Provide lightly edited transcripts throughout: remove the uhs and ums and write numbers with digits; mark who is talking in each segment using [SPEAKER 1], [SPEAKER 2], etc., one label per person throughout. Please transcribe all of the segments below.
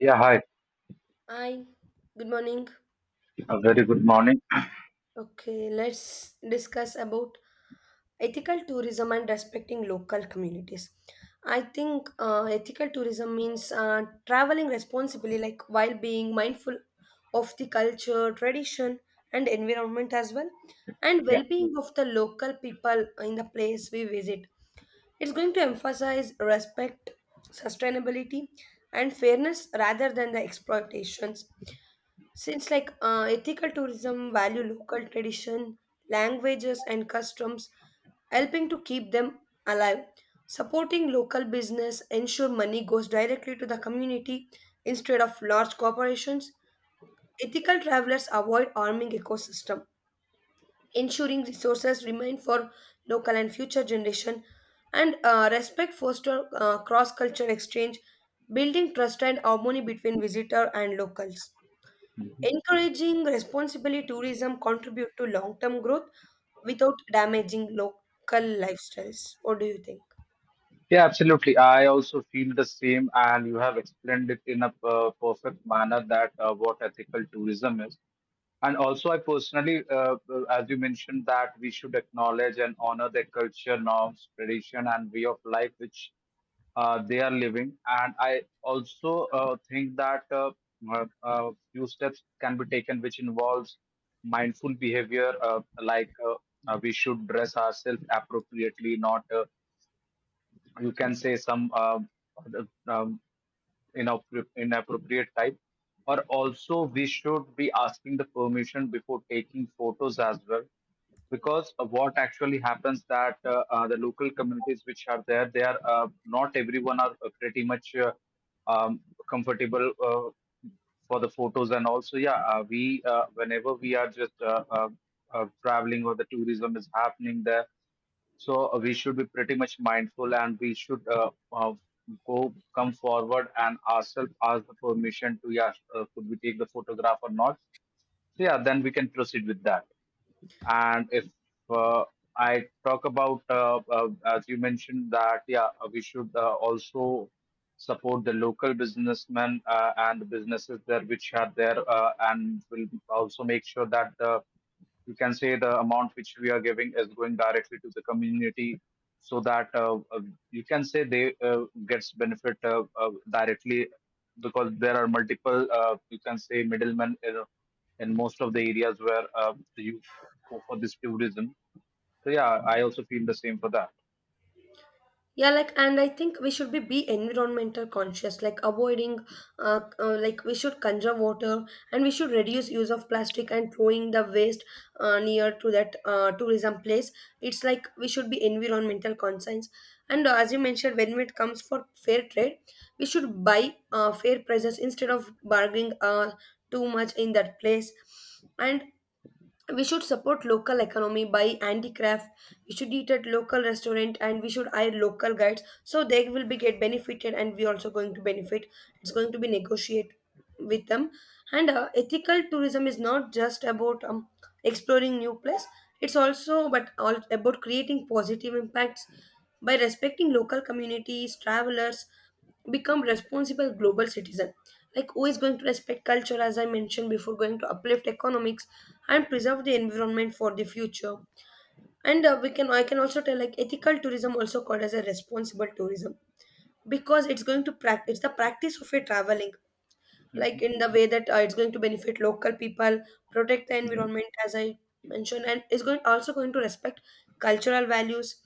[SPEAKER 1] Yeah, hi.
[SPEAKER 2] Hi, good morning.
[SPEAKER 1] A very good morning.
[SPEAKER 2] Okay, let's discuss about ethical tourism and respecting local communities. I think ethical tourism means traveling responsibly, like while being mindful of the culture, tradition, and environment as well, and
[SPEAKER 1] Yeah,
[SPEAKER 2] well being of the local people in the place we visit. It's going to emphasize respect, sustainability, and fairness rather than the exploitations. Since like ethical tourism value local tradition, languages and customs, helping to keep them alive. Supporting local business ensure money goes directly to the community instead of large corporations. Ethical travelers avoid harming ecosystem, ensuring resources remain for local and future generation. And respect foster cross culture exchange, building trust and harmony between visitor and locals. Encouraging responsible tourism contribute to long-term growth without damaging local lifestyles. What do you think?
[SPEAKER 1] yeah, absolutely. I also feel the same, and you have explained it in a perfect manner that what ethical tourism is. And also, I personally, as you mentioned, that we should acknowledge and honor their culture, norms, tradition, and way of life which they are living. And I also think that few steps can be taken, which involves mindful behavior, like we should dress ourselves appropriately, not you can say some um inappropriate type, or also we should be asking the permission before taking photos as well, because what actually happens that the local communities which are there, they are not everyone are pretty much um, comfortable for the photos. And also, yeah, we whenever we are just traveling, or the tourism is happening there, so we should be pretty much mindful, and we should go come forward and ourselves ask the permission to, yeah, could we take the photograph or not? So yeah, then we can proceed with that. And if uh, I talk about, as you mentioned, that yeah, we should also support the local businessmen and the businesses there which are there, and will also make sure that the, you can say, the amount which we are giving is going directly to the community, so that you can say they gets benefit directly, because there are multiple, you can say, middlemen in most of the areas where you go for this tourism. So yeah, I also feel the same for that.
[SPEAKER 2] Yeah, like, and I think we should be environmental conscious like avoiding like we should conserve water, and we should reduce use of plastic and throwing the waste near to that tourism place. It's like we should be environmental conscious, and as you mentioned, when it comes for fair trade, we should buy fair prices instead of bargaining too much in that place. And we should support local economy by handicraft. We should eat at local restaurant, and we should hire local guides so they will be get benefited and we also going to benefit. It's going to be negotiate with them. And ethical tourism is not just about exploring new place. It's also but all about creating positive impacts. By respecting local communities, travelers become responsible global citizen, like, who is going to respect culture, as I mentioned before, going to uplift economics and preserve the environment for the future. And we can I can also tell like ethical tourism also called as a responsible tourism because it's going to practice the practice of a traveling
[SPEAKER 1] Mhm.
[SPEAKER 2] like in the way that it's going to benefit local people, protect the environment, as I mentioned, and it's going also going to respect cultural values.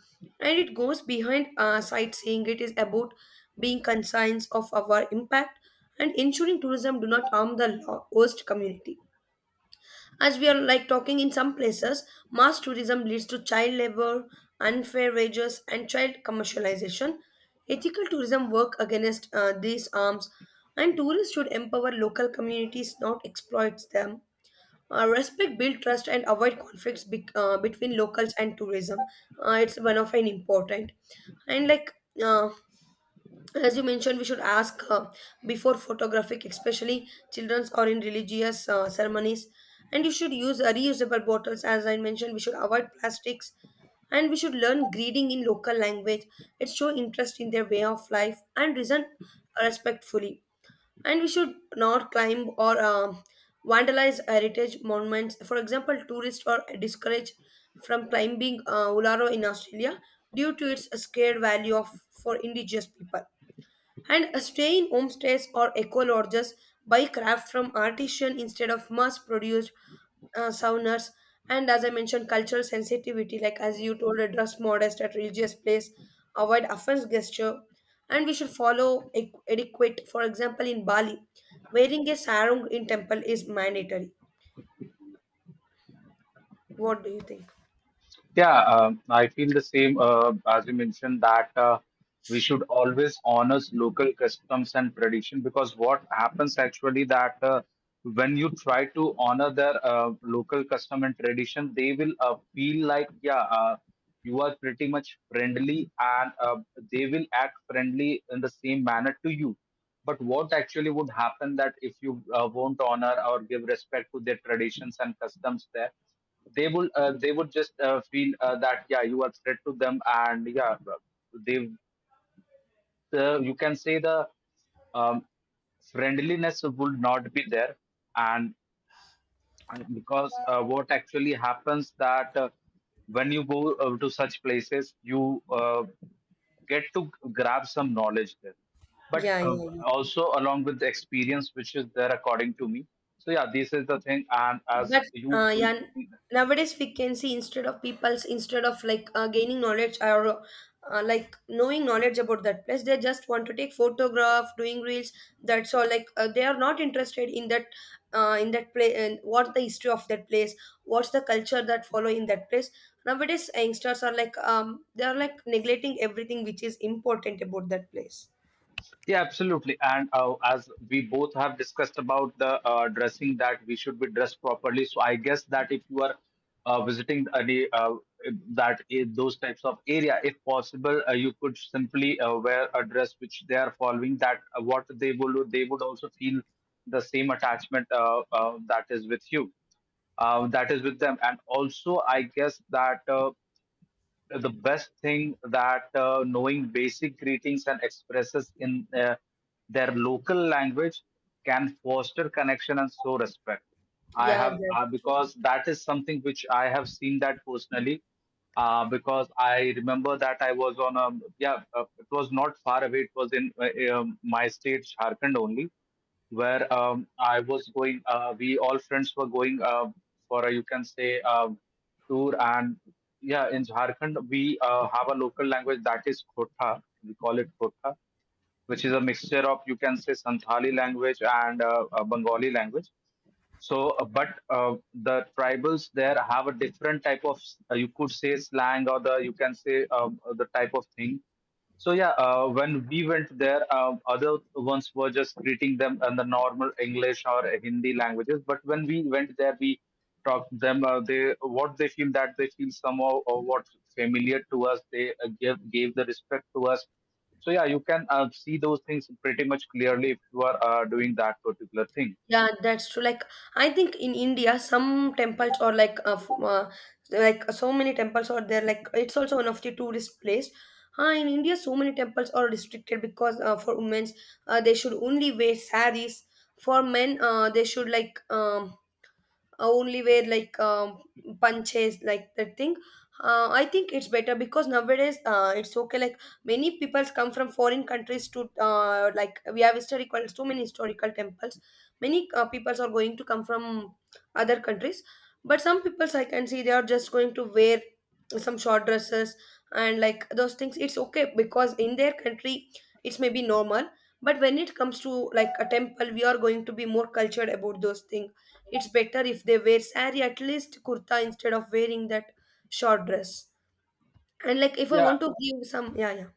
[SPEAKER 2] And it goes behind sightseeing. It is about being conscious of our impact and ensuring tourism do not harm the host community. As we are like talking, in some places, mass tourism leads to child labor, unfair wages, and child commercialization. Ethical tourism work against these arms, and tourists should empower local communities, not exploit them. Respect, build trust, and avoid conflicts between locals and tourism. It's one of an important and like uh, as you mentioned, we should ask before photographic, especially children's or in religious ceremonies. And you should use reusable bottles. As I mentioned, we should avoid plastics, and we should learn greeting in local language. It show interest in their way of life and reason respectfully. And we should not climb or vandalize heritage monuments. For example, tourists are discouraged from climbing ularo in Australia due to its scared value of for indigenous people. And stay in homestays or eco lodges, buy craft from artisan instead of mass produced saunas. And as I mentioned, cultural sensitivity, like as you told, dress modest at religious place, avoid offense gesture. And we should follow etiquette. For example, in Bali, wearing a sarong in temple is mandatory. What do you think?
[SPEAKER 1] Yeah, I feel the same, as you mentioned, that we should always honor local customs and tradition, because what happens actually that when you try to honor their local custom and tradition, they will feel like yeah, you are pretty much friendly, and they will act friendly in the same manner to you. But what actually would happen that if you won't honor or give respect to their traditions and customs there? They would just feel that yeah, you are threat to them, and yeah, they you can say the um, friendliness would not be there. And because what actually happens that when you go to such places, you get to grab some knowledge there, but
[SPEAKER 2] Yeah, yeah, yeah.
[SPEAKER 1] also along with the experience which is there, according to me. So yeah, this is the thing, and as
[SPEAKER 2] But
[SPEAKER 1] you
[SPEAKER 2] uh,
[SPEAKER 1] com-
[SPEAKER 2] yeah, nowadays we can see instead of people's instead of like gaining knowledge or like knowing knowledge about that place, they just want to take photograph, doing reels. That's all. Like they are not interested in that place, and what the history of that place, what's the culture that follow in that place. Nowadays youngsters are like, they are like neglecting everything which is important about that place.
[SPEAKER 1] Yeah, absolutely. And as we both have discussed about the dressing, that we should be dressed properly. So I guess that if you are visiting any that, in those types of area, if possible, you could simply wear a dress which they are following. That what they would also feel the same attachment, that is with you, that is with them. And also, I guess that. The best thing that knowing basic greetings and expresses in their local language can foster connection and show respect. I
[SPEAKER 2] Yeah,
[SPEAKER 1] have
[SPEAKER 2] yeah.
[SPEAKER 1] because that is something which I have seen that personally. Because I remember that I was on a, yeah, it was not far away. It was in my state, Jharkhand only, where I was going. We all friends were going for a, you can say, tour, and yeah, in Jharkhand we have a local language, that is Khota. We call it Khota, which is a mixture of, you can say, Santhali language and Bengali language. So, but the tribals there have a different type of, you could say, slang, or the, you can say, the type of thing. So yeah, when we went there, other ones were just greeting them in the normal English or Hindi languages. But when we went there, we talked to them. They, what they feel, that they feel somehow or what familiar to us. They give gave the respect to us. So yeah, you can see those things pretty much clearly if you are doing that particular thing.
[SPEAKER 2] Yeah, that's true. Like, I think in India, some temples or like like so many temples are there. Like it's also one of the tourist place. In India, so many temples are restricted because for women, they should only wear saris. For men, they should only wear punches like that thing. Uh, I think it's better because nowadays it's okay, like, many peoples come from foreign countries to like we have historical, so many historical temples. Many peoples are going to come from other countries, but some peoples I can see they are just going to wear some short dresses. And like those things, it's okay because in their country it's maybe normal. But when it comes to like a temple, we are going to be more cultured about those things. It's better if they wear sari, at least kurta, instead of wearing that short dress. And like if I
[SPEAKER 1] Yeah.
[SPEAKER 2] want to give some, yeah, yeah,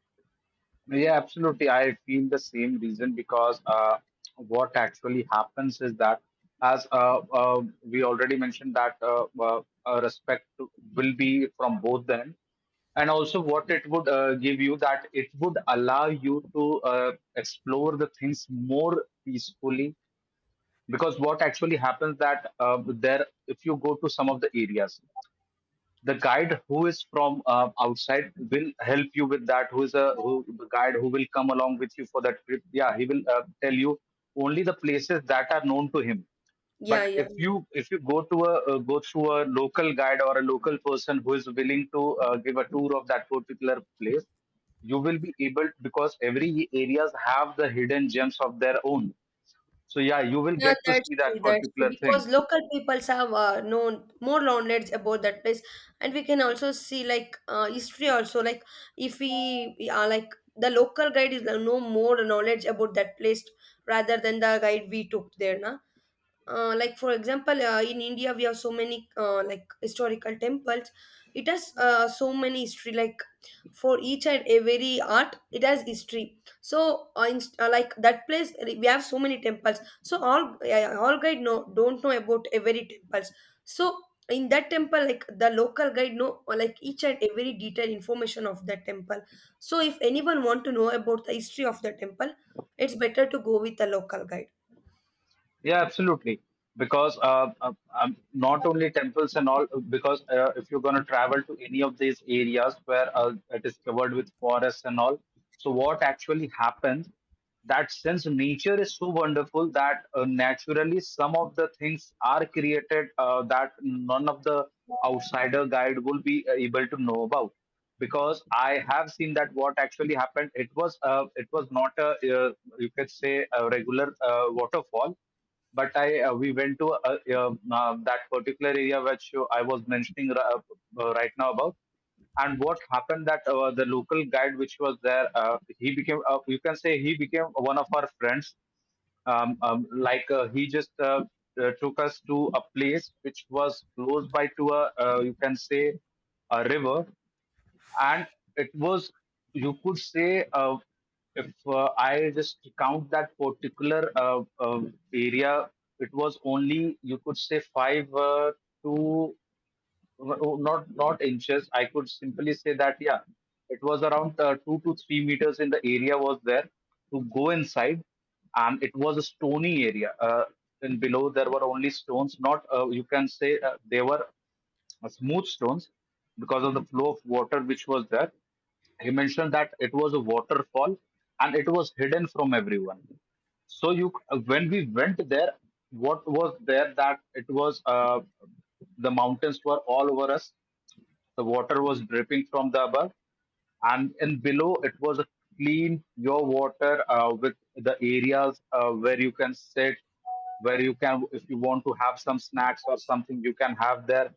[SPEAKER 1] Yeah, absolutely. I feel the same reason, because what actually happens is that, as we already mentioned, that respect will be from both the end, and also what it would give you, that it would allow you to explore the things more peacefully. Because what actually happens that there, if you go to some of the areas, the guide who is from outside will help you with that, who is a who the guide who will come along with you for that trip, yeah, he will tell you only the places that are known to him. But
[SPEAKER 2] yeah, yeah,
[SPEAKER 1] if you
[SPEAKER 2] yeah.
[SPEAKER 1] if you go through a local guide or a local person who is willing to give a tour of that particular place, you will be able, because every areas have the hidden gems of their own. So yeah, you will
[SPEAKER 2] Yeah,
[SPEAKER 1] get to
[SPEAKER 2] that's
[SPEAKER 1] see that
[SPEAKER 2] true. That's true.
[SPEAKER 1] particular thing.
[SPEAKER 2] Because local peoples have known more knowledge about that place, and we can also see like history also. Like if we, yeah, like the local guide is know more knowledge about that place rather than the guide we took there, na. Uh, like for example, in India we have so many like historical temples. It has so many history, like, for each and every art it has history. So like that place, we have so many temples, so all guide know don't know about every temples. So in that temple, like, the local guide know like each and every detailed information of that temple. So if anyone want to know about the history of the temple, it's better to go with the local guide.
[SPEAKER 1] Yeah, absolutely. Because not only temples and all, because if you're going to travel to any of these areas where it is covered with forests and all, so what actually happens that since nature is so wonderful that naturally some of the things are created that none of the outsider guide will be able to know about, because I have seen that what actually happened. It was not a, uh, you could say, a regular waterfall, but I we went to that particular area which I was mentioning right now about. And what happened that the local guide which was there, he became, you can say, he became one of our friends. Like he just took us to a place which was close by to a, you can say, a river, and it was, you could say, if I just count that particular area, it was only, you could say, five to not inches. I could simply say that yeah, it was around 2 to 3 meters in the area was there to go inside, and it was a stony area. And below there were only stones. Not you can say they were smooth stones, because of the flow of water which was there. He mentioned that it was a waterfall, and it was hidden from everyone. So you, when we went there, what was there that it was the mountains were all over us. The water was dripping from the above, and below it was a clean your water, with the areas where you can sit, where you can, if you want to have some snacks or something, you can have there,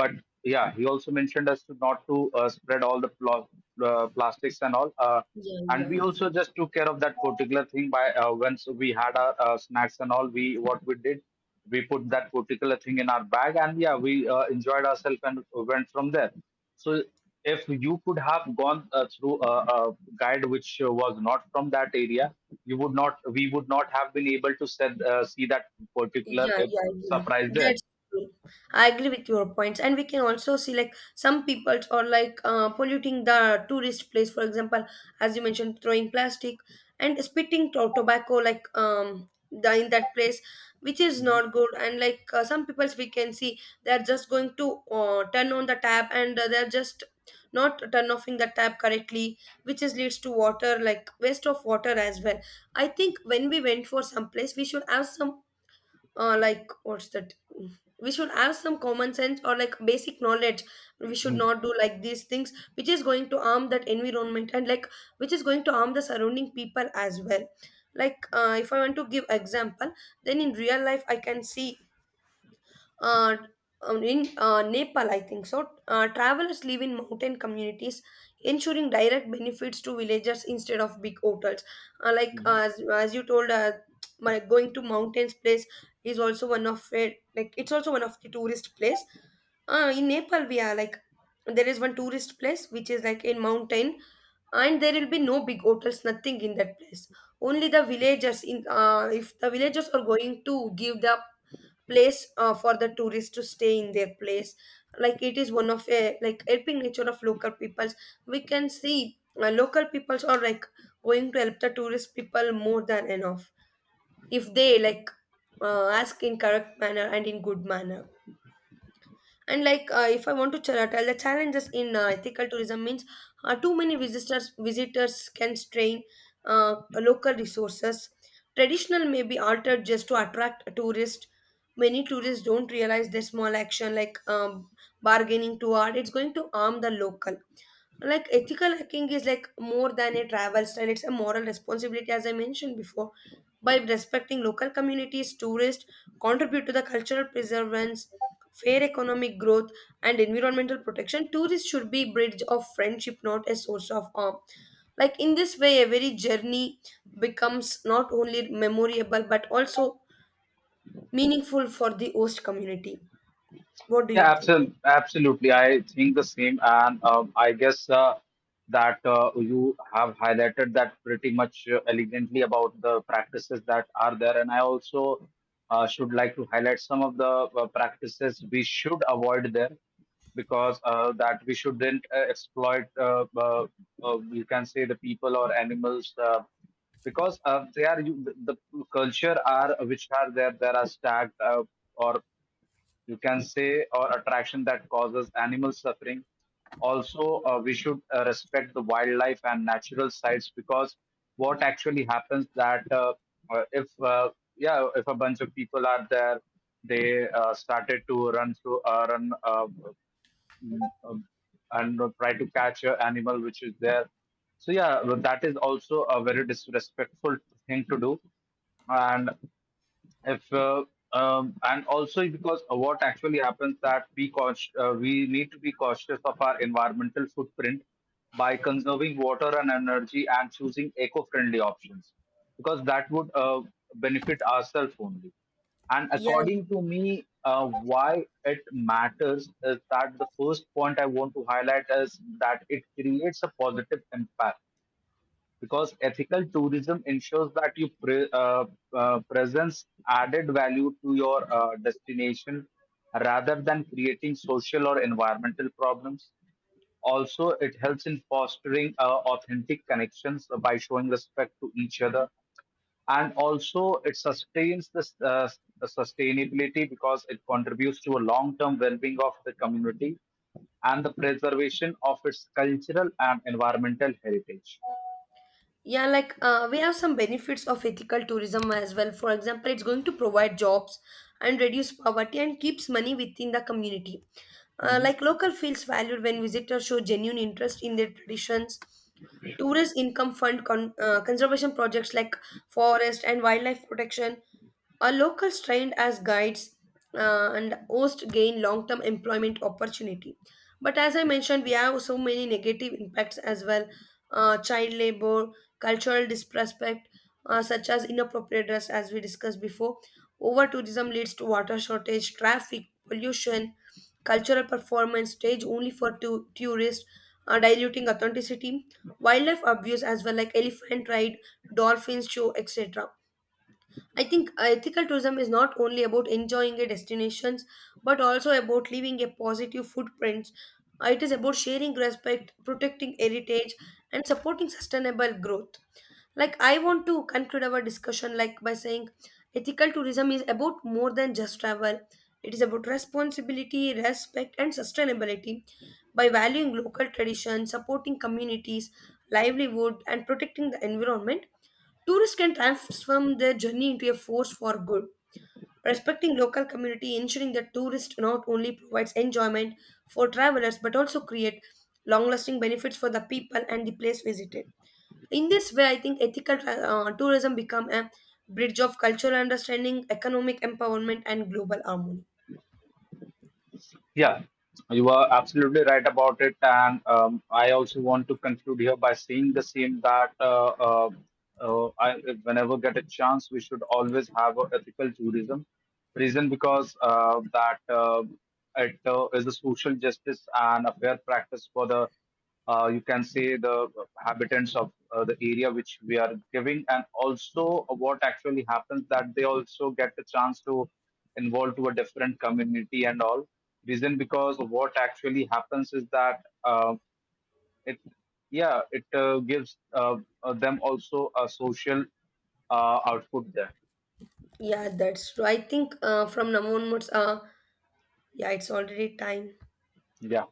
[SPEAKER 1] but yeah, he also mentioned us to not to spread all the plastics and all,
[SPEAKER 2] Yeah,
[SPEAKER 1] and
[SPEAKER 2] yeah.
[SPEAKER 1] we also just took care of that particular thing by, once we had our snacks and all, we, what we did, we put that particular thing in our bag, and yeah, we enjoyed ourselves and went from there. So if you could have gone through a guide which was not from that area, you would not, we would not have been able to see that particular
[SPEAKER 2] Yeah, yeah, yeah.
[SPEAKER 1] surprise there.
[SPEAKER 2] That's true. I agree with your points. And we can also see like some people are like polluting the tourist place. For example, as you mentioned, throwing plastic and spitting tobacco like in that place, which is not good. And like some people we can see they're just going to turn on the tap, and they're just not turn offing the tap correctly, which is leads to water like waste of water as well. I think when we went for some place, we should have some like what's that, we should have some common sense or like basic knowledge. We should not do like these things which is going to harm that environment and like which is going to harm the surrounding people as well. Like if I want to give example, then in real life I can see uh, in Nepal, I think so. Travelers live in mountain communities, ensuring direct benefits to villagers instead of big hotels. Like,
[SPEAKER 1] Mhm.
[SPEAKER 2] as you told, my going to mountains place is also one of it. Like it's also one of the tourist place. In Nepal, we are like there is one tourist place which is like in mountain, and there will be no big hotels, nothing in that place. Only the villagers, in if the villagers are going to give the place for the tourists to stay in their place, like it is one of a like helping nature of local peoples. We can see local peoples are like going to help the tourist people more than enough if they like ask in correct manner and in good manner. And like if I want to tell the challenges in ethical tourism means, too many visitors can strain local resources. Traditional may be altered just to attract a tourist. Many tourists don't realize their small action, like bargaining too hard, it's going to harm the local. Like, ethical hacking is like more than a travel style, it's a moral responsibility. As I mentioned before, by respecting local communities, tourists contribute to the cultural preservance, fair economic growth, and environmental protection. Tourism should be bridge of friendship, not a source of harm. Like in this way, a very journey becomes not only memorable but also meaningful for the host community. What do
[SPEAKER 1] Yeah,
[SPEAKER 2] you think?
[SPEAKER 1] absolutely. Absolutely. I think the same. And I guess that you have highlighted that pretty much elegantly about the practices that are there. And I also should like to highlight some of the practices we should avoid there, because that we shouldn't exploit, you can say, the people or animals. Because they are the culture are which are there, there are stacked or you can say, or attraction that causes animal suffering. Also, we should respect the wildlife and natural sites, because what actually happens that if yeah, if a bunch of people are there, they started to run through mm, um, and try to catch an animal which is there. So yeah, that is also a very disrespectful thing to do, and if and also because what actually happens that we we need to be cautious of our environmental footprint by conserving water and energy and choosing eco-friendly options, because that would benefit ourselves only. And
[SPEAKER 2] Yeah.
[SPEAKER 1] according to me, why it matters is that the first point I want to highlight is that it creates a positive impact, because ethical tourism ensures that you presents added value to your destination rather than creating social or environmental problems. Also, it helps in fostering authentic connections by showing respect to each other. And also, it sustains the sustainability, because it contributes to a long term well being of the community and the preservation of its cultural and environmental heritage.
[SPEAKER 2] Yeah, like we have some benefits of ethical tourism as well. For example, it's going to provide jobs and reduce poverty and keeps money within the community. Like local feels valued when visitors show genuine interest in their traditions. Tourist income fund conservation projects like forest and wildlife protection. Are locals trained as guides and most gain long-term employment opportunity. But as I mentioned, we have so many negative impacts as well. Child labor, cultural disrespect, such as inappropriate dress, as we discussed before. Over tourism leads to water shortage, traffic, pollution, cultural performance stage only for tourists, diluting authenticity, wildlife abuse as well, like elephant ride, dolphins show, etc. I think ethical tourism is not only about enjoying a destinations, but also about leaving a positive footprint. It is about sharing respect, protecting heritage, and supporting sustainable growth. Like, I want to conclude our discussion like by saying ethical tourism is about more than just travel. It is about responsibility, respect, and sustainability. By valuing local traditions, supporting communities, livelihood, and protecting the environment, tourists can transform their journey into a force for good. Respecting local community, ensuring that tourist not only provides enjoyment for travelers but also create long-lasting benefits for the people and the place visited. In this way, I think ethical tourism become a bridge of cultural understanding, economic empowerment, and global harmony.
[SPEAKER 1] Yeah, you are absolutely right about it. And I also want to conclude here by saying the same, that I, whenever get a chance, we should always have a ethical tourism. Reason because that it is a social justice and a fair practice for the, you can say, the habitants of the area which we are giving, and also what actually happens that they also get the chance to involve to a different community and all. Reason because what actually happens is that it, yeah, it gives them also a social output there.
[SPEAKER 2] Yeah, that's true. I think from now onwards, yeah, it's already time.
[SPEAKER 1] Yeah.